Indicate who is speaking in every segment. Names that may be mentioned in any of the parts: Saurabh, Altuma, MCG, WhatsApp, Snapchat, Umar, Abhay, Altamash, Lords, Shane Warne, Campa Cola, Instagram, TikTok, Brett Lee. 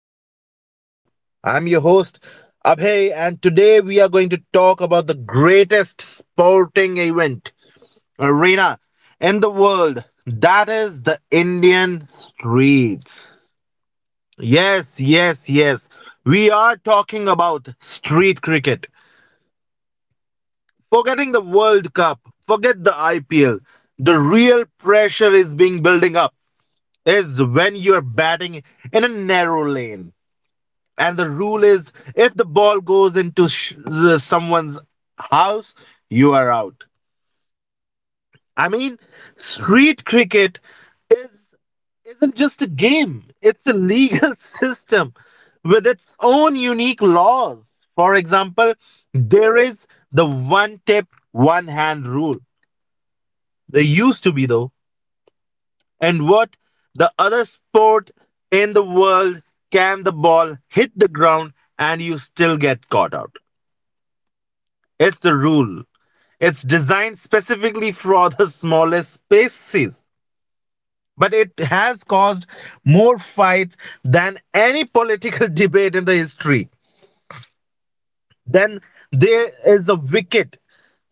Speaker 1: Welcome to the show. I'm your host, Abhay, and today we are going to talk about the greatest sporting event arena in the world, that is, the Indian streets. Yes, yes, yes. We are talking about street cricket. Forgetting the World Cup, forget the IPL. The real pressure is being building up is when you're batting in a narrow lane. And the rule is if the ball goes into someone's house, you are out. I mean, street cricket is isn't just a game. It's a legal system with its own unique laws. For example, there is the one tip, one hand rule. There used to be though. And what the other sport in the world can the ball hit the ground and you still get caught out. It's the rule. It's designed specifically for the smallest spaces. But it has caused more fights than any political debate in the history. Then there is a wicket,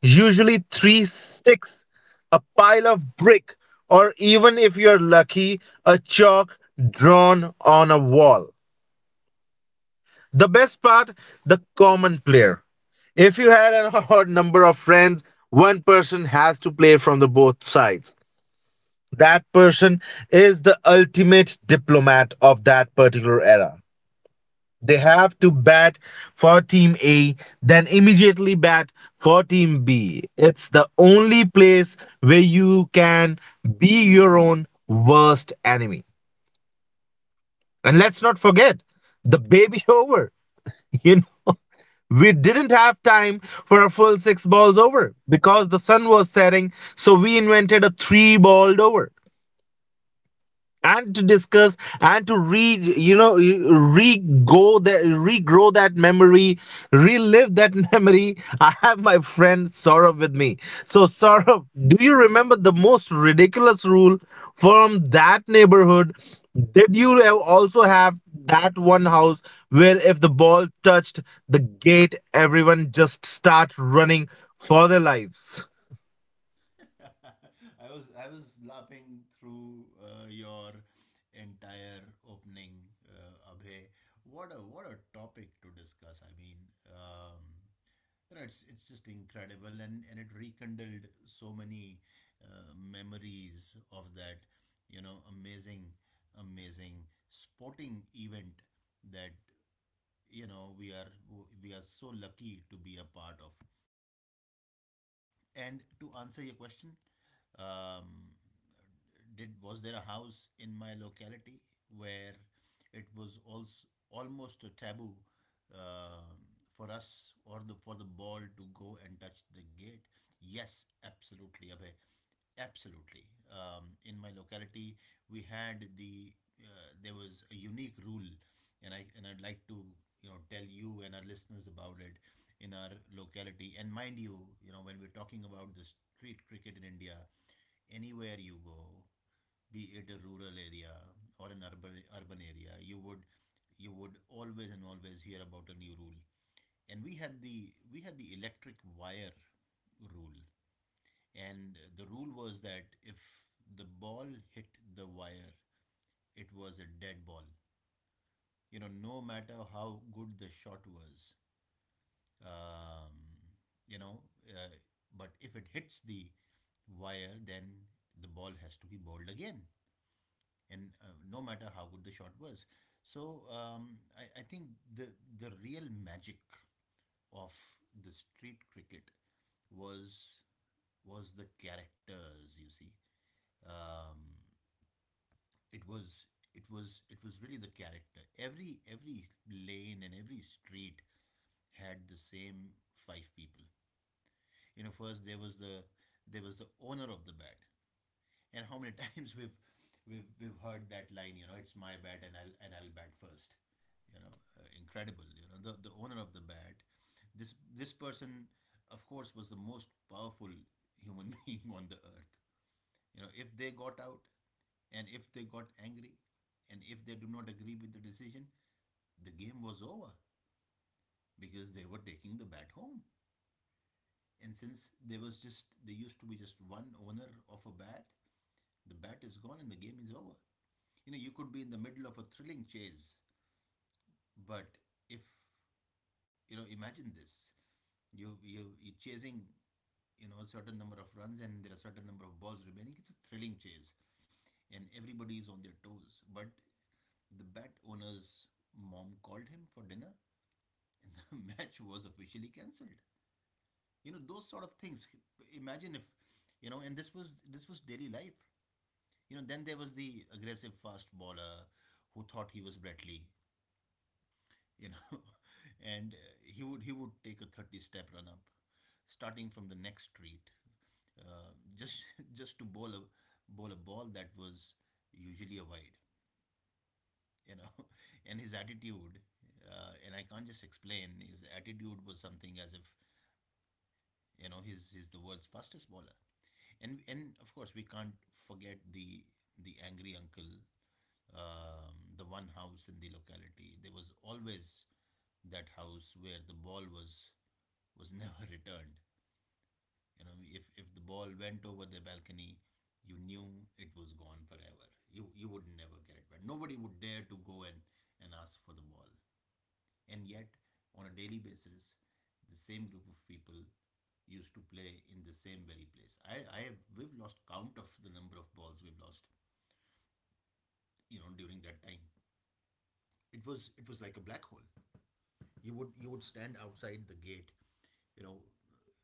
Speaker 1: usually three sticks, a pile of brick, or even if you're lucky, a chalk drawn on a wall. The best part, the common player. If you had an odd number of friends, one person has to play from the both sides. That person is the ultimate diplomat of that particular era. They have to bat for team A, then immediately bat for team B. It's the only place where you can be your own worst enemy. And let's not forget the baby over. You know, We didn't have time for a full six balls over because the sun was setting, so we invented a three balled over and to discuss and to re you know re go that regrow that memory, relive that memory. I have my friend Saurabh with me. So Saurabh, do you remember the most ridiculous rule from that neighborhood? Did you also have that one house where if the ball touched the gate, everyone just start running for their lives?
Speaker 2: I was laughing through your entire opening, Abhay. What a topic to discuss. I mean, um, it's just incredible, and it rekindled so many memories of that, you know, amazing, amazing sporting event that you know we are so lucky to be a part of. And to answer your question, um, did was there a house in my locality where it was also almost a taboo um for us or the for the ball to go and touch the gate? Yes, absolutely, Abhay, absolutely. In my locality, we had the there was a unique rule, and I'd like to you know tell you and our listeners about it in our locality. And mind you, you know, when we're talking about the street cricket in India, anywhere you go, be it a rural area or an urban area, you would always and always hear about a new rule. And we had the electric wire rule. And the rule was that if the ball hit the wire, it was a dead ball. You know, no matter how good the shot was, um, you know uh, but if it hits the wire, then the ball has to be bowled again, and no matter how good the shot was. So I think the the real magic of the street cricket was was the characters you see. um, it was it was really the character. Every lane and every street had the same five people. You know, first there was the owner of the bat. And how many times we've heard that line. You know, it's my bat, and I'll bat first. You know, incredible. You know, the owner of the bat, this person, of course, was the most powerful human being on the earth. You know, if they got out and if they got angry and if they do not agree with the decision, the game was over, because they were taking the bat home. And since there used to be just one owner of a bat, the bat is gone and the game is over. You know, you could be in the middle of a thrilling chase, but if you know, imagine this: you're chasing you know a certain number of runs and there are a certain number of balls remaining. It's a thrilling chase, and everybody is on their toes. But the bat owner's mom called him for dinner, and the match was officially cancelled. You know, those sort of things. Imagine if you know, and this was daily life. You know, then there was the aggressive fast bowler who thought he was Brett Lee. You know, and he would take a 30 step run up, starting from the next street, just just to bowl a ball that was usually a wide. You know, and his attitude, and I can't just explain. His attitude was something as if you know he's the world's fastest bowler. And of course we can't forget the angry uncle. The one house in the locality. There was always that house where the ball was never returned. You know, if the ball went over the balcony, you knew it was gone forever. You would never get it back. Nobody would dare to go and ask for the ball. And yet, on a daily basis, the same group of people used to play in the same very place. I have we've lost count of the number of balls we've lost. You know, during that time, it was like a black hole. You would stand outside the gate, you know,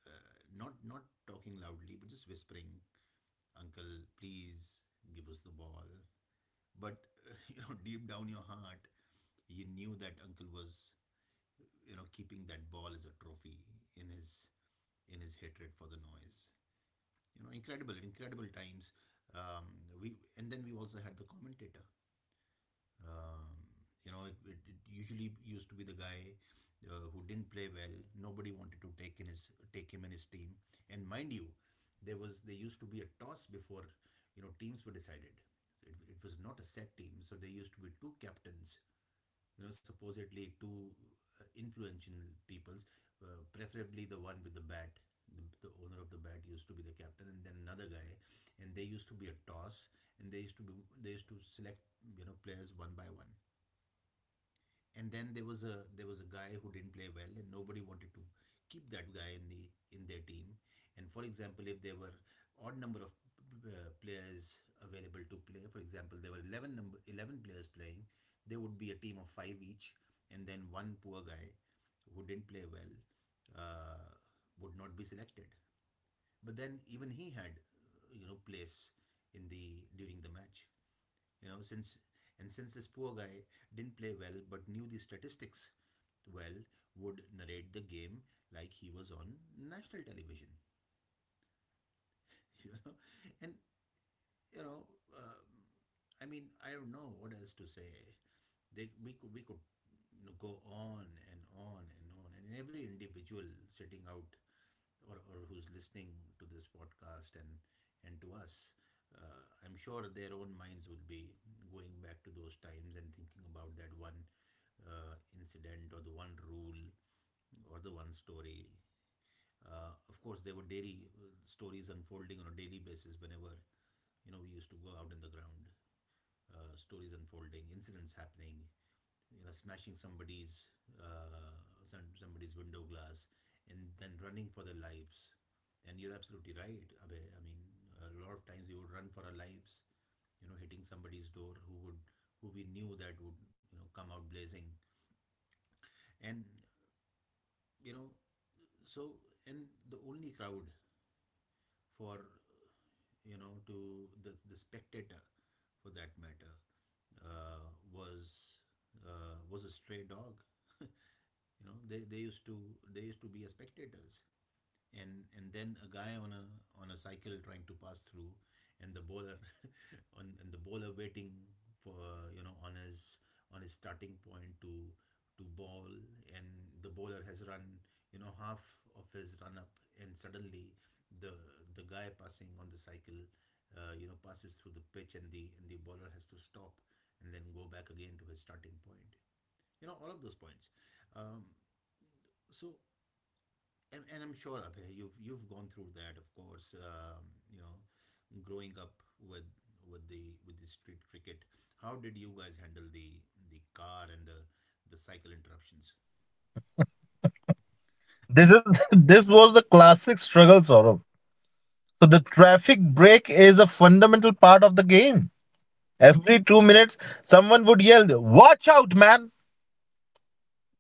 Speaker 2: uh, not talking loudly, but just whispering, "Uncle, please give us the ball." But you know, deep down your heart, you knew that uncle was you know keeping that ball as a trophy in his hatred for the noise. You know, incredible, incredible times. We And then we also had the commentator. um, you know, it usually used to be the guy who didn't play well. Nobody wanted to take him in his team. And mind you, there used to be a toss before you know teams were decided. So it was not a set team. So there used to be two captains. You know, supposedly two influential peoples, preferably the one with the bat, the, the owner of the bat used to be the captain, and then another guy, and they used to be a toss, and they used to select you know players one by one. And then there was a guy who didn't play well, and nobody wanted to keep that guy in the in their team. And for example, if there were odd number of players available to play, for example, there were 11 number 11 players playing, there would be a team of 5 each. And then one poor guy who didn't play well, uh, would not be selected. But then even he had you know place in the during the match, you know, since this poor guy didn't play well, but knew the statistics well, would narrate the game like he was on national television. You know, and you know, uh, I mean, I don't know what else to say. They we could you know, go on and on and on. And every individual sitting out, or who's listening to this podcast and to us, I'm sure their own minds will be going back to those times and thinking about that one incident or the one rule or the one story. Of course, there were daily stories unfolding on a daily basis whenever you know we used to go out in the ground. Stories unfolding, incidents happening. You know, smashing somebody's uh, somebody's window glass, and then running for their lives. And you're absolutely right, Abhay. I mean, a lot of times we would run for our lives, you know, hitting somebody's door who would who we knew that would you know come out blazing. And you know, so. And the only crowd for you know to the spectator for that matter, uh, was was a stray dog. You know, they used to be a spectators. And then a guy on a cycle trying to pass through. And the bowler on and the bowler waiting for you know on his starting point to ball. And the bowler has run you know half of his run up, and suddenly the guy passing on the cycle, you know passes through the pitch, and the bowler has to stop and then go back again to his starting point. You know, all of those points. Um, so and I'm sure, Abhay, you've gone through that, of course. You know, growing up with with the street cricket, how did you guys handle the car and the cycle interruptions?
Speaker 1: This is this was the classic struggle, Saurabh. So the traffic break is a fundamental part of the game. Every 2 minutes, someone would yell, "Watch out, man!"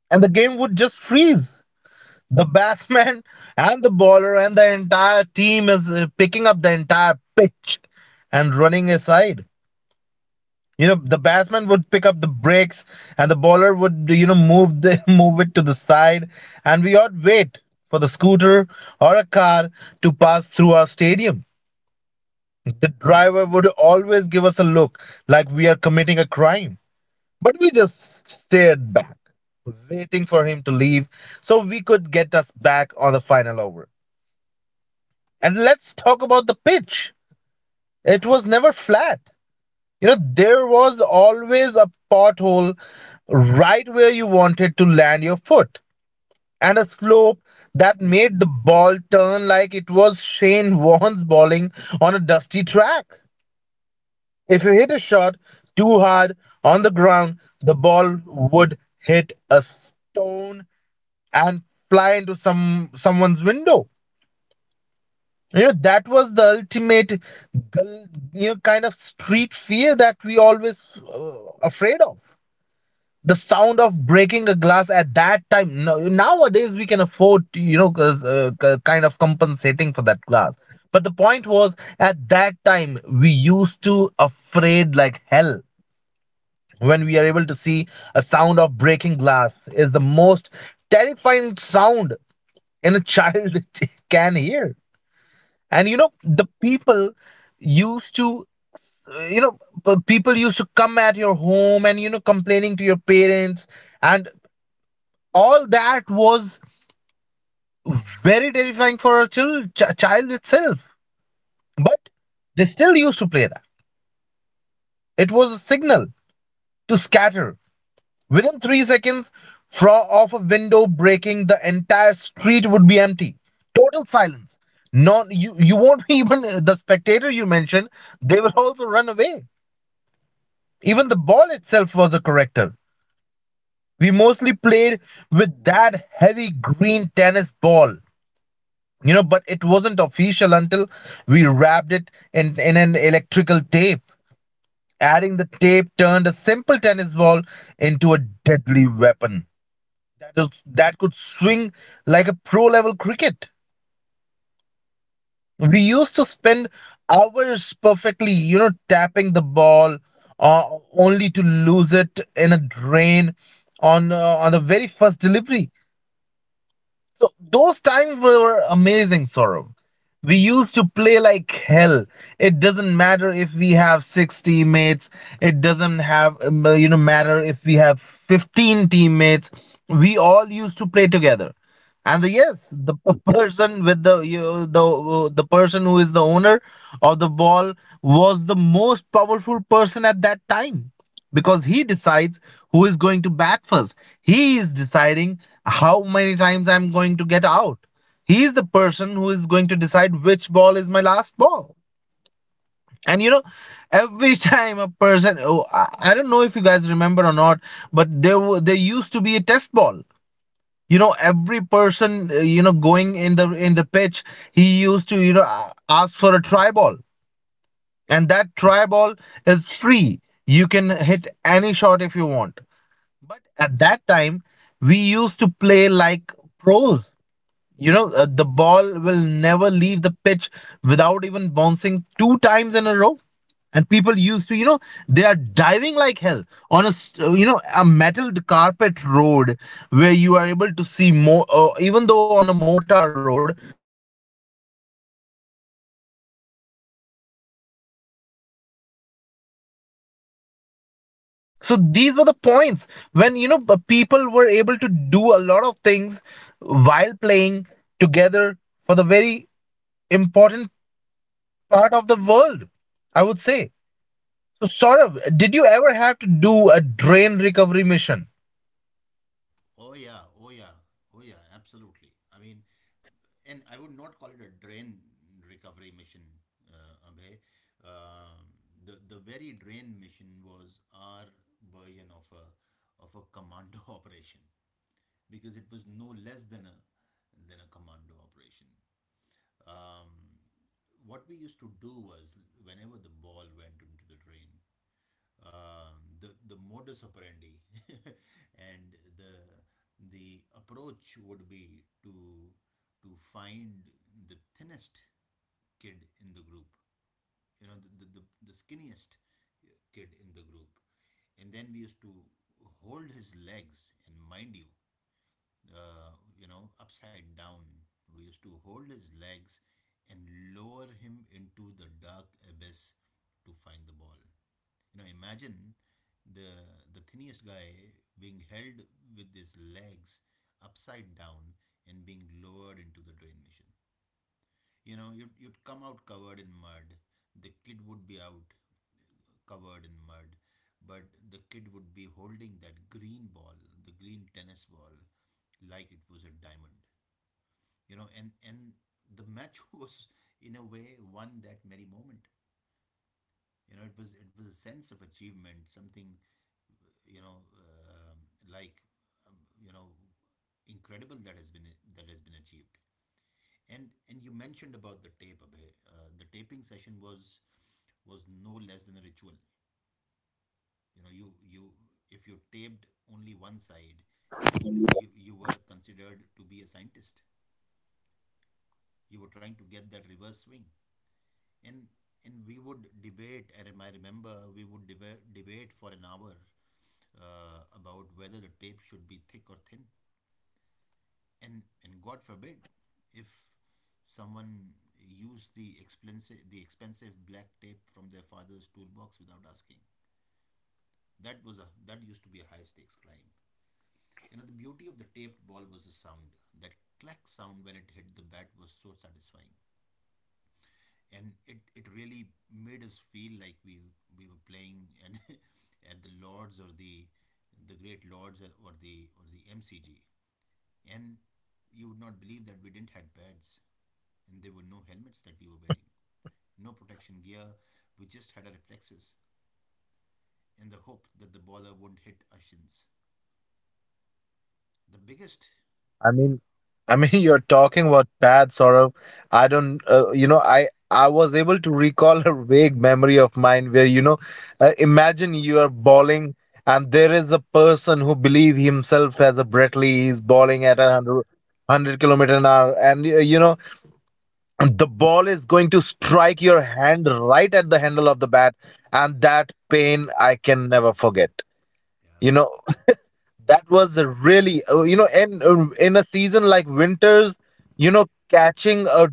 Speaker 1: And the game would just freeze. The batsman and the bowler and the entire team is picking up the entire pitch and running aside. You know, the batsman would pick up the breaks and the bowler would, you know, move the, move it to the side. And we ought wait for the scooter or a car to pass through our stadium. The driver would always give us a look like we are committing a crime, but we just stared back, waiting for him to leave so we could get us back on the final over. And let's talk about the pitch. It was never flat. You know, there was always a pothole right where you wanted to land your foot, and a slope that made the ball turn like it was Shane Warne's bowling on a dusty track. If you hit a shot too hard on the ground, the ball would hit a stone and fly into someone's window. You know, that was the ultimate, gal- kind of street fear that we always afraid of. The sound of breaking a glass at that time. No, nowadays we can afford, you know, 'cause, kind of compensating for that glass. But the point was, at that time we used to afraid like hell. When we are able to see, a sound of breaking glass is the most terrifying sound in a child can hear. And you know the people used to, you know, people used to come at your home and you know complaining to your parents, and all that was very terrifying for a child itself. But they still used to play that. It was a signal to scatter. Within 3 seconds, from off a window breaking, the entire street would be empty. Total silence. No, you won't be even the spectator you mentioned. They will also run away. Even the ball itself was a corrector. We mostly played with that heavy green tennis ball, you know, but it wasn't official until we wrapped it in an electrical tape. Adding the tape turned a simple tennis ball into a deadly weapon. That could swing like a pro level cricket. We used to spend hours perfectly, you know, tapping the ball, uh, only to lose it in a drain on the very first delivery. So those times were amazing, Saurabh. We used to play like hell. It doesn't matter if we have six teammates. It doesn't have you know matter if we have 15 teammates. We all used to play together. And yes, the p- person with the you, the person who is the owner of the ball was the most powerful person at that time because he decides who is going to bat first. He is deciding how many times I'm going to get out. He is the person who is going to decide which ball is my last ball. And you know, every time a person, oh, I don't know if you guys remember or not, but there used to be a test ball. You know, every person, you know, going in the pitch, he used to, you know, ask for a try ball, and that try ball is free. You can hit any shot if you want. But at that time, we used to play like pros. You know, the ball will never leave the pitch without even bouncing two times in a row. And people used to, you know, they are diving like hell on you know, a metalled carpet road where you are able to see more, even though on a mortar road, you are able to see that people are trying to dive into, you know, grabbing a ball on one hand. So these were the points when you know people were able to do a lot of things while playing together for the very important part of the world, I would say. So Saurav, did you ever have to do a drain recovery mission?
Speaker 2: Oh yeah, oh yeah, oh yeah, absolutely. I mean, and I would not call it a drain recovery mission, Abhay. Um, the very drain mission was our version of a commando operation, because it was no less than a commando operation. Um, what we used to do was whenever the ball went into the drain, the modus operandi and the approach would be to find the thinnest kid in the group, you know, the skinniest kid in the group, and then we used to hold his legs, and mind you, uh, you know, upside down. We used to hold his legs and lower him into the dark abyss to find the ball. You know, imagine the the thinnest guy being held with his legs upside down and being lowered into the drain machine. You know, you'd come out covered in mud. The kid would be out covered in mud, but the kid would be holding that green ball, the green tennis ball, like it was a diamond. You know, and the match was in a way won that merry moment. You know, it was a sense of achievement, something you know um like um, you know incredible that has been achieved. And you mentioned about the tape, Abhay. The taping session was no less than a ritual. You know, you if you taped only one side, you were considered to be a scientist. You were trying to get that reverse swing, and we would debate. And I remember we would debate for an hour about whether the tape should be thick or thin. And God forbid if someone used the expensive black tape from their father's toolbox without asking. That was a that used to be a high stakes crime. You know, the beauty of the taped ball was the sound. That clack sound when it hit the bat was so satisfying. And it really made us feel like we were playing and at the Lords or the great Lords or the MCG. And you would not believe that we didn't had pads, and there were no helmets that we were wearing, no protection gear. We just had our reflexes in the hope that the baller wouldn't hit our shins. The
Speaker 1: I mean, I mean, you're talking about bad sorrow. I don't, you know, I was able to recall a vague memory of mine where, you know, imagine you are bowling and there is a person who believe himself as a Brett Lee is bowling at a hundred-kilometer an hour, and you know the ball is going to strike your hand right at the handle of the bat, and that pain I can never forget.
Speaker 2: yeah,
Speaker 1: You know, that was a really you know in a season like winters, you know, catching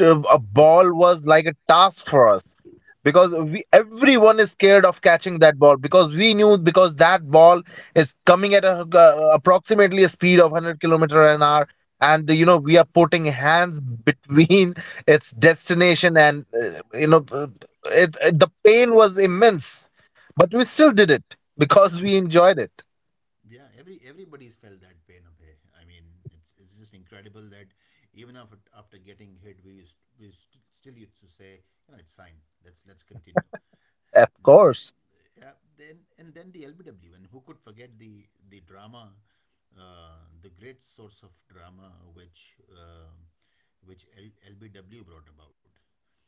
Speaker 1: a ball was like a task for us because we everyone is scared of catching that ball because we knew because that ball is coming at approximately a speed of 100-kilometer an hour, and you know we are putting hands between its destination. And the pain was immense, but we still did it because we enjoyed it.
Speaker 2: yeah. Everybody's felt that pain, Abhay. I mean, it's just incredible that even after getting hit, we used, we st- still used to say, you know, it's fine. Let's continue.
Speaker 1: Of
Speaker 2: The
Speaker 1: course.
Speaker 2: Yeah, then and then the LBW, and who could forget the drama, the great source of drama which LBW brought about.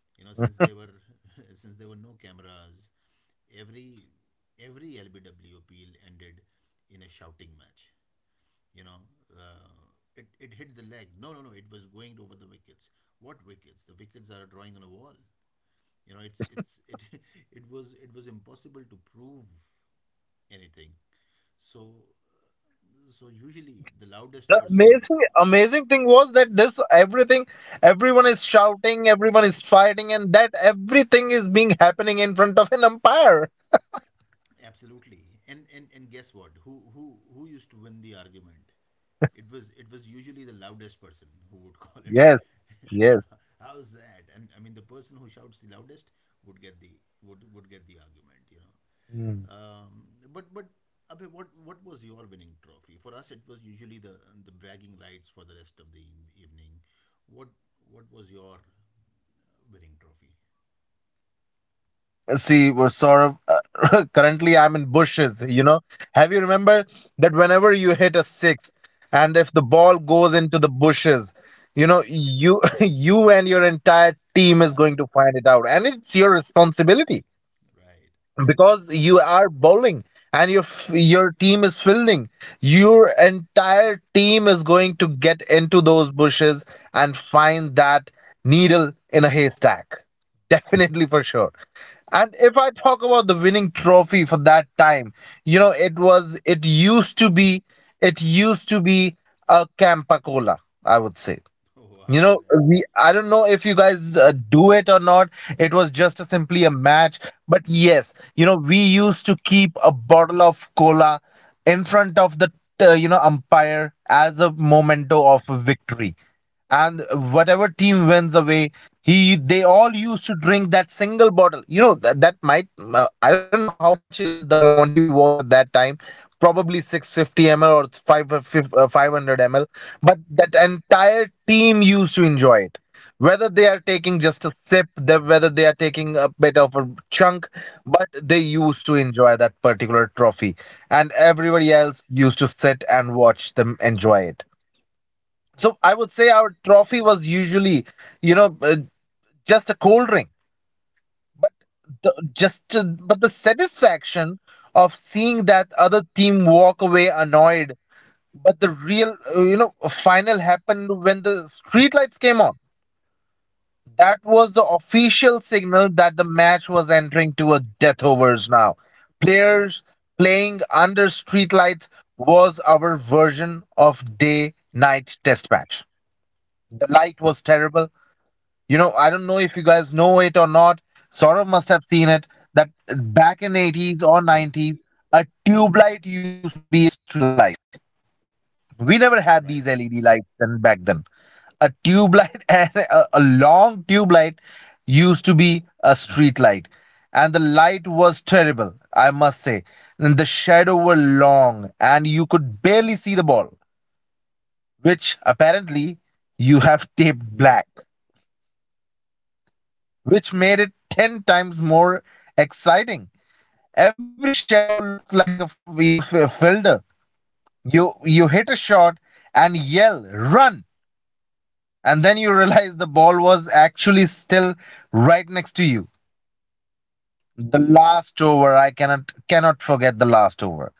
Speaker 2: You know, since there were since there were no cameras, every every LBW appeal ended in a shouting match. You know, uh, it hit the leg. No, no, no. It was going over the wickets. What wickets? The wickets are drawing on a wall. You know, it's it it was impossible to prove anything, so usually the loudest
Speaker 1: The
Speaker 2: person.
Speaker 1: amazing amazing thing was that this everything, everyone is shouting, everyone is fighting, and that everything is being happening in front of an umpire.
Speaker 2: Absolutely. And guess what, who used to win the argument? It was usually the loudest person who would call it.
Speaker 1: Yes. Yes.
Speaker 2: How's that? And I mean, the person who shouts the loudest would get the would get the argument, you know. Um, but Abhay, what was your winning trophy? For us, it was usually the bragging rights for the rest of the evening. What was your winning trophy?
Speaker 1: See, we well, Saurav, currently I'm in bushes, you know. Have you remember that whenever you hit a six and if the ball goes into the bushes, you know, you you and your entire team is going to find it out, and it's your responsibility
Speaker 2: Right.
Speaker 1: because you are bowling and your your team is fielding. Your entire team is going to get into those bushes and find that needle in a haystack, definitely for sure. And if I talk about the winning trophy for that time, you know, it used to be, it used to be a Campa Cola, I would say.
Speaker 2: Oh,
Speaker 1: You
Speaker 2: wow.
Speaker 1: know,
Speaker 2: Yeah.
Speaker 1: we, I don't know if you guys do it or not. It was just a, simply a match, but yes, you know, we used to keep a bottle of cola in front of the you know umpire as a memento of victory. And whatever team wins away, he they all used to drink that single bottle. You know that that might I don't know how much the quantity was at that time. Probably 650 ml or 5 500 ml, but that entire team used to enjoy it, whether they are taking just a sip, whether they are taking a bit of a chunk, but they used to enjoy that particular trophy, and everybody else used to sit and watch them enjoy it. So I would say our trophy was usually, you know uh, just a cold drink, the, just but the satisfaction of seeing that other team walk away annoyed. But the real final happened when the streetlights came on. That was the official signal that the match was entering to a death overs now. Players playing under streetlights was our version of day night test match. The light was terrible. You know, I don't know if you guys know it or not. Saurav must have seen it that back in 80's or 90's, a tube light used to be a street light. We never had
Speaker 2: Right.
Speaker 1: these LED lights then back then. A tube light and a long tube light used to be a street light, and the light was terrible, I must say. And the shadow were long, and you could barely see the ball, which apparently you have taped black, which made it ten times more exciting. Every shadow looked like a f- you know f- a fielder. You hit a shot and yell run. And then you realize the ball was actually still right next to you. The last over, I cannot forget the last over.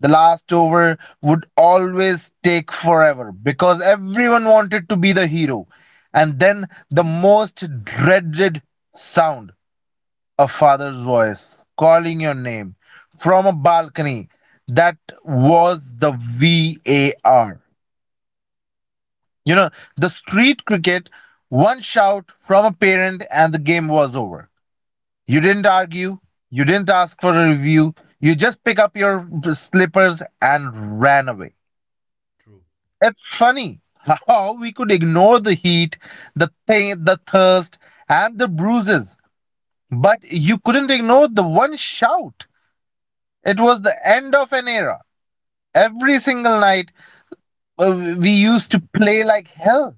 Speaker 1: The last over would always take forever because everyone wanted to be the hero. And then the most dreaded sound, a father's voice calling your name from a balcony. That was the VAR. You know, the street cricket, one shout from a parent and the game was over. You didn't argue, you didn't ask for a review, you just pick up your slippers and ran away.
Speaker 2: True.
Speaker 1: It's funny how we could ignore the heat, the thirst, and the bruises, but you couldn't ignore the one shout. It was the end of an era. Every single night, we used to play like hell.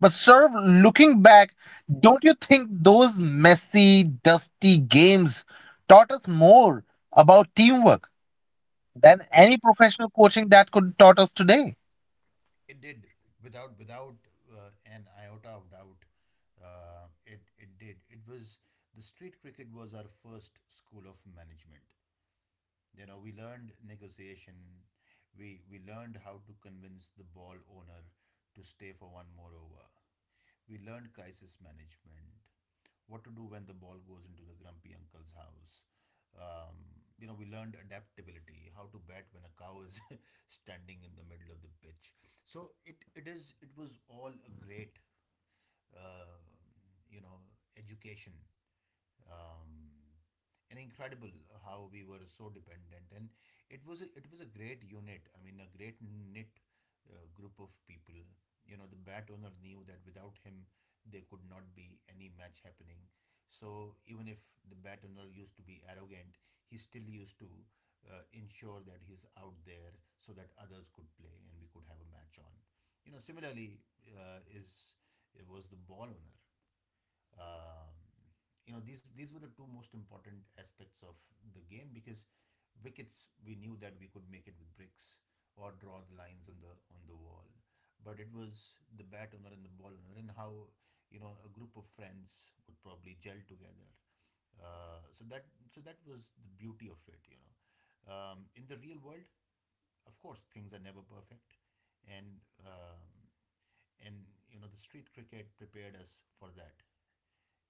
Speaker 1: But sir, looking back, don't you think those messy, dusty games taught us more about teamwork than any professional coaching that could taught us today?
Speaker 2: It did, without an iota of doubt. It did. It was The street cricket was our first school of management. You know, we learned negotiation. We learned how to convince the ball owner to stay for one more over. We learned crisis management, what to do when the ball goes into the grumpy uncle's house. You know, we learned adaptability, how to bat when a cow is standing in the middle of the pitch. So it was all a great uh, you know, education, um, and incredible how we were so dependent. And it was it was a great knit group of people. You know, the bat owner knew that without him there could not be any match happening, so even if the bat owner used to be arrogant, he still used to ensure that he's out there so that others could play and we could have a match on. You know, similarly, is it was the ball owner. um, you know, these were the two most important aspects of the game, because wickets, we knew that we could make it with bricks or draw the lines on the wall, but it was the bat owner and the ball owner and how, you know, a group of friends would probably gel together. So that was the beauty of it. You know, in the real world, of course, things are never perfect, and um, and you know, the street cricket prepared us for that.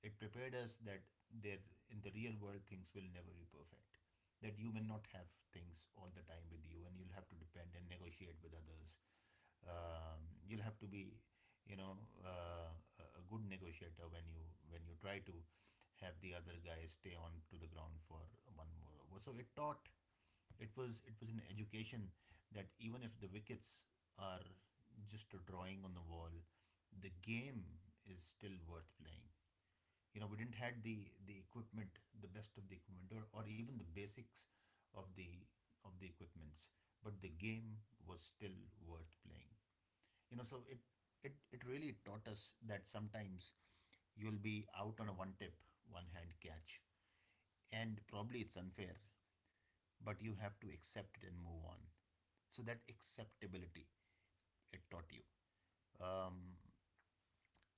Speaker 2: It prepared us that there in the real world, things will never be perfect. That you may not have things all the time with you, and you'll have to depend and negotiate with others. You'll have to be, you know, uh, good negotiator when you try to have the other guy stay on to the ground for one more over. So it taught. It was an education that even if the wickets are just a drawing on the wall, the game is still worth playing. You know, we didn't had the equipment, the best of the equipment, or even the basics of the of the equipments, but the game was still worth playing. You know, so it really taught us that sometimes you'll be out on a one tip, one hand catch, and probably it's unfair, but you have to accept it and move on. So that acceptability, it taught you. um,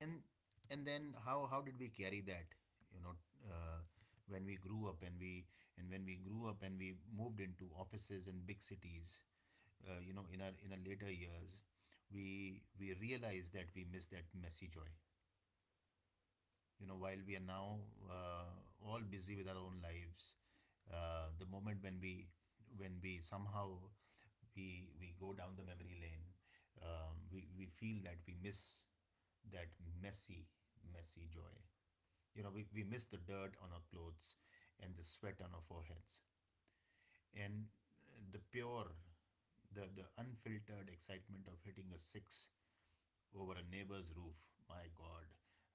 Speaker 2: and and then how did we carry that? You know, uh, when we grew up and we and when we grew up and we moved into offices in big cities, you know, in our later years, we realized that we missed that messy joy. You know, while we are now uh, all busy with our own lives, the moment when we somehow we go down the memory lane, we feel that we miss that messy messy joy. You know, we miss the dirt on our clothes and the sweat on our foreheads, and the pure, the unfiltered excitement of hitting a six over a neighbor's roof. My god,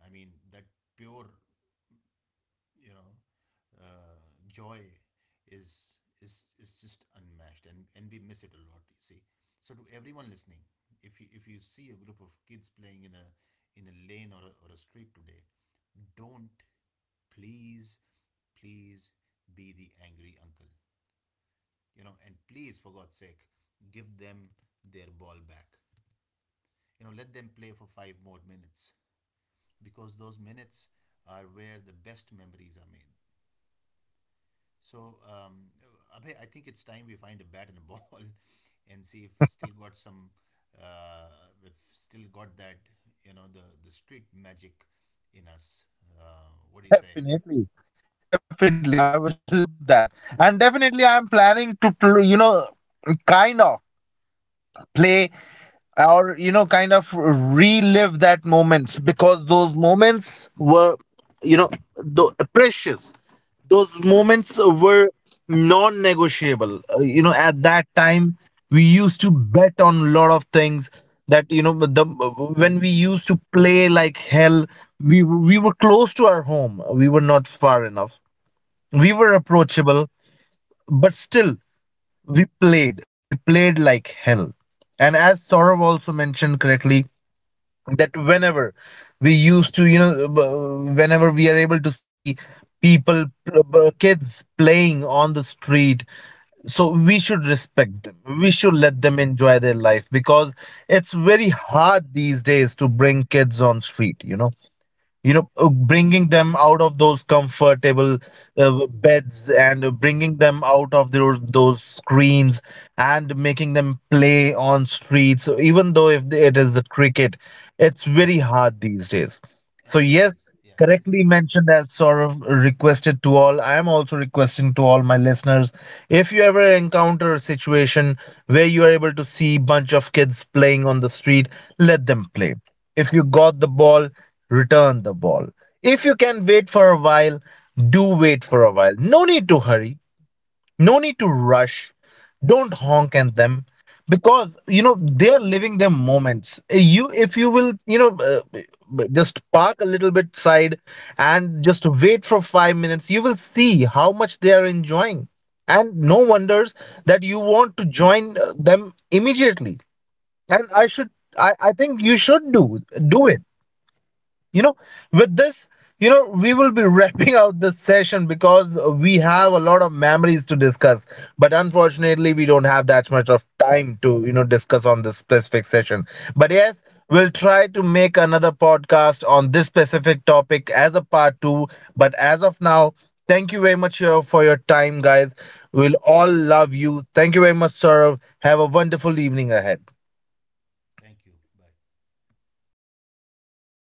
Speaker 2: I mean that pure, you know, uh, joy is just unmatched, and we miss it a lot, you see. So to everyone listening, if you see a group of kids playing in a lane or a street today, don't, please, please be the angry uncle. You know, and please, for god's sake, give them their ball back. You know, let them play for five more minutes, because those minutes are where the best memories are made. So, Abhay, I think it's time we find a bat and a ball and see if still got some, uh, if still got that, you know, the street magic in us. What do you say?
Speaker 1: Definitely. Definitely, I would love that. And definitely I'm planning to pl- you know kind of play, or you know, kind of relive that moments, because those moments were, you know, precious. Those moments were non-negotiable. You know, at that time we used to bet on a lot of things, that you know, the when we used to play like hell, we were close to our home, we were not far enough, we were approachable, but still we played, we played like hell. And as Saurav also mentioned correctly, that whenever we used to, you know, whenever we are able to see people kids playing on the street, so we should respect them, we should let them enjoy their life, because it's very hard these days to bring kids on street. You know, you know, bringing them out of those comfortable beds, and bringing them out of those screens, and making them play on streets. So even though if it is a cricket, it's very hard these days, so
Speaker 2: Absolutely.
Speaker 1: yes,
Speaker 2: Yeah.
Speaker 1: correctly
Speaker 2: His,
Speaker 1: mentioned. As sort of requested to all, I am also requesting to all my listeners, if you ever encounter a situation where you are able to see bunch of kids playing on the street, let them play. If you got the ball, return the ball. If you can wait for a while, do wait for a while. No need to hurry, no need to rush, don't honk at them. Because you know, they're living their moments. You, if you will, you know, just park a little bit side and just wait for 5 minutes, you will see how much they are enjoying, and no wonders that you want to join them immediately. And I think you should do do it. You know, with this, you know, we will be wrapping out this session, because we have a lot of memories to discuss, but unfortunately we don't have that much of time to, you know, discuss on this specific session. But yes, we'll try to make another podcast on this specific topic as a part 2. But as of now, thank you very much for your time, guys. We'll all love you. Thank you very much, sir. Have a wonderful evening ahead.
Speaker 2: thank you. Bye.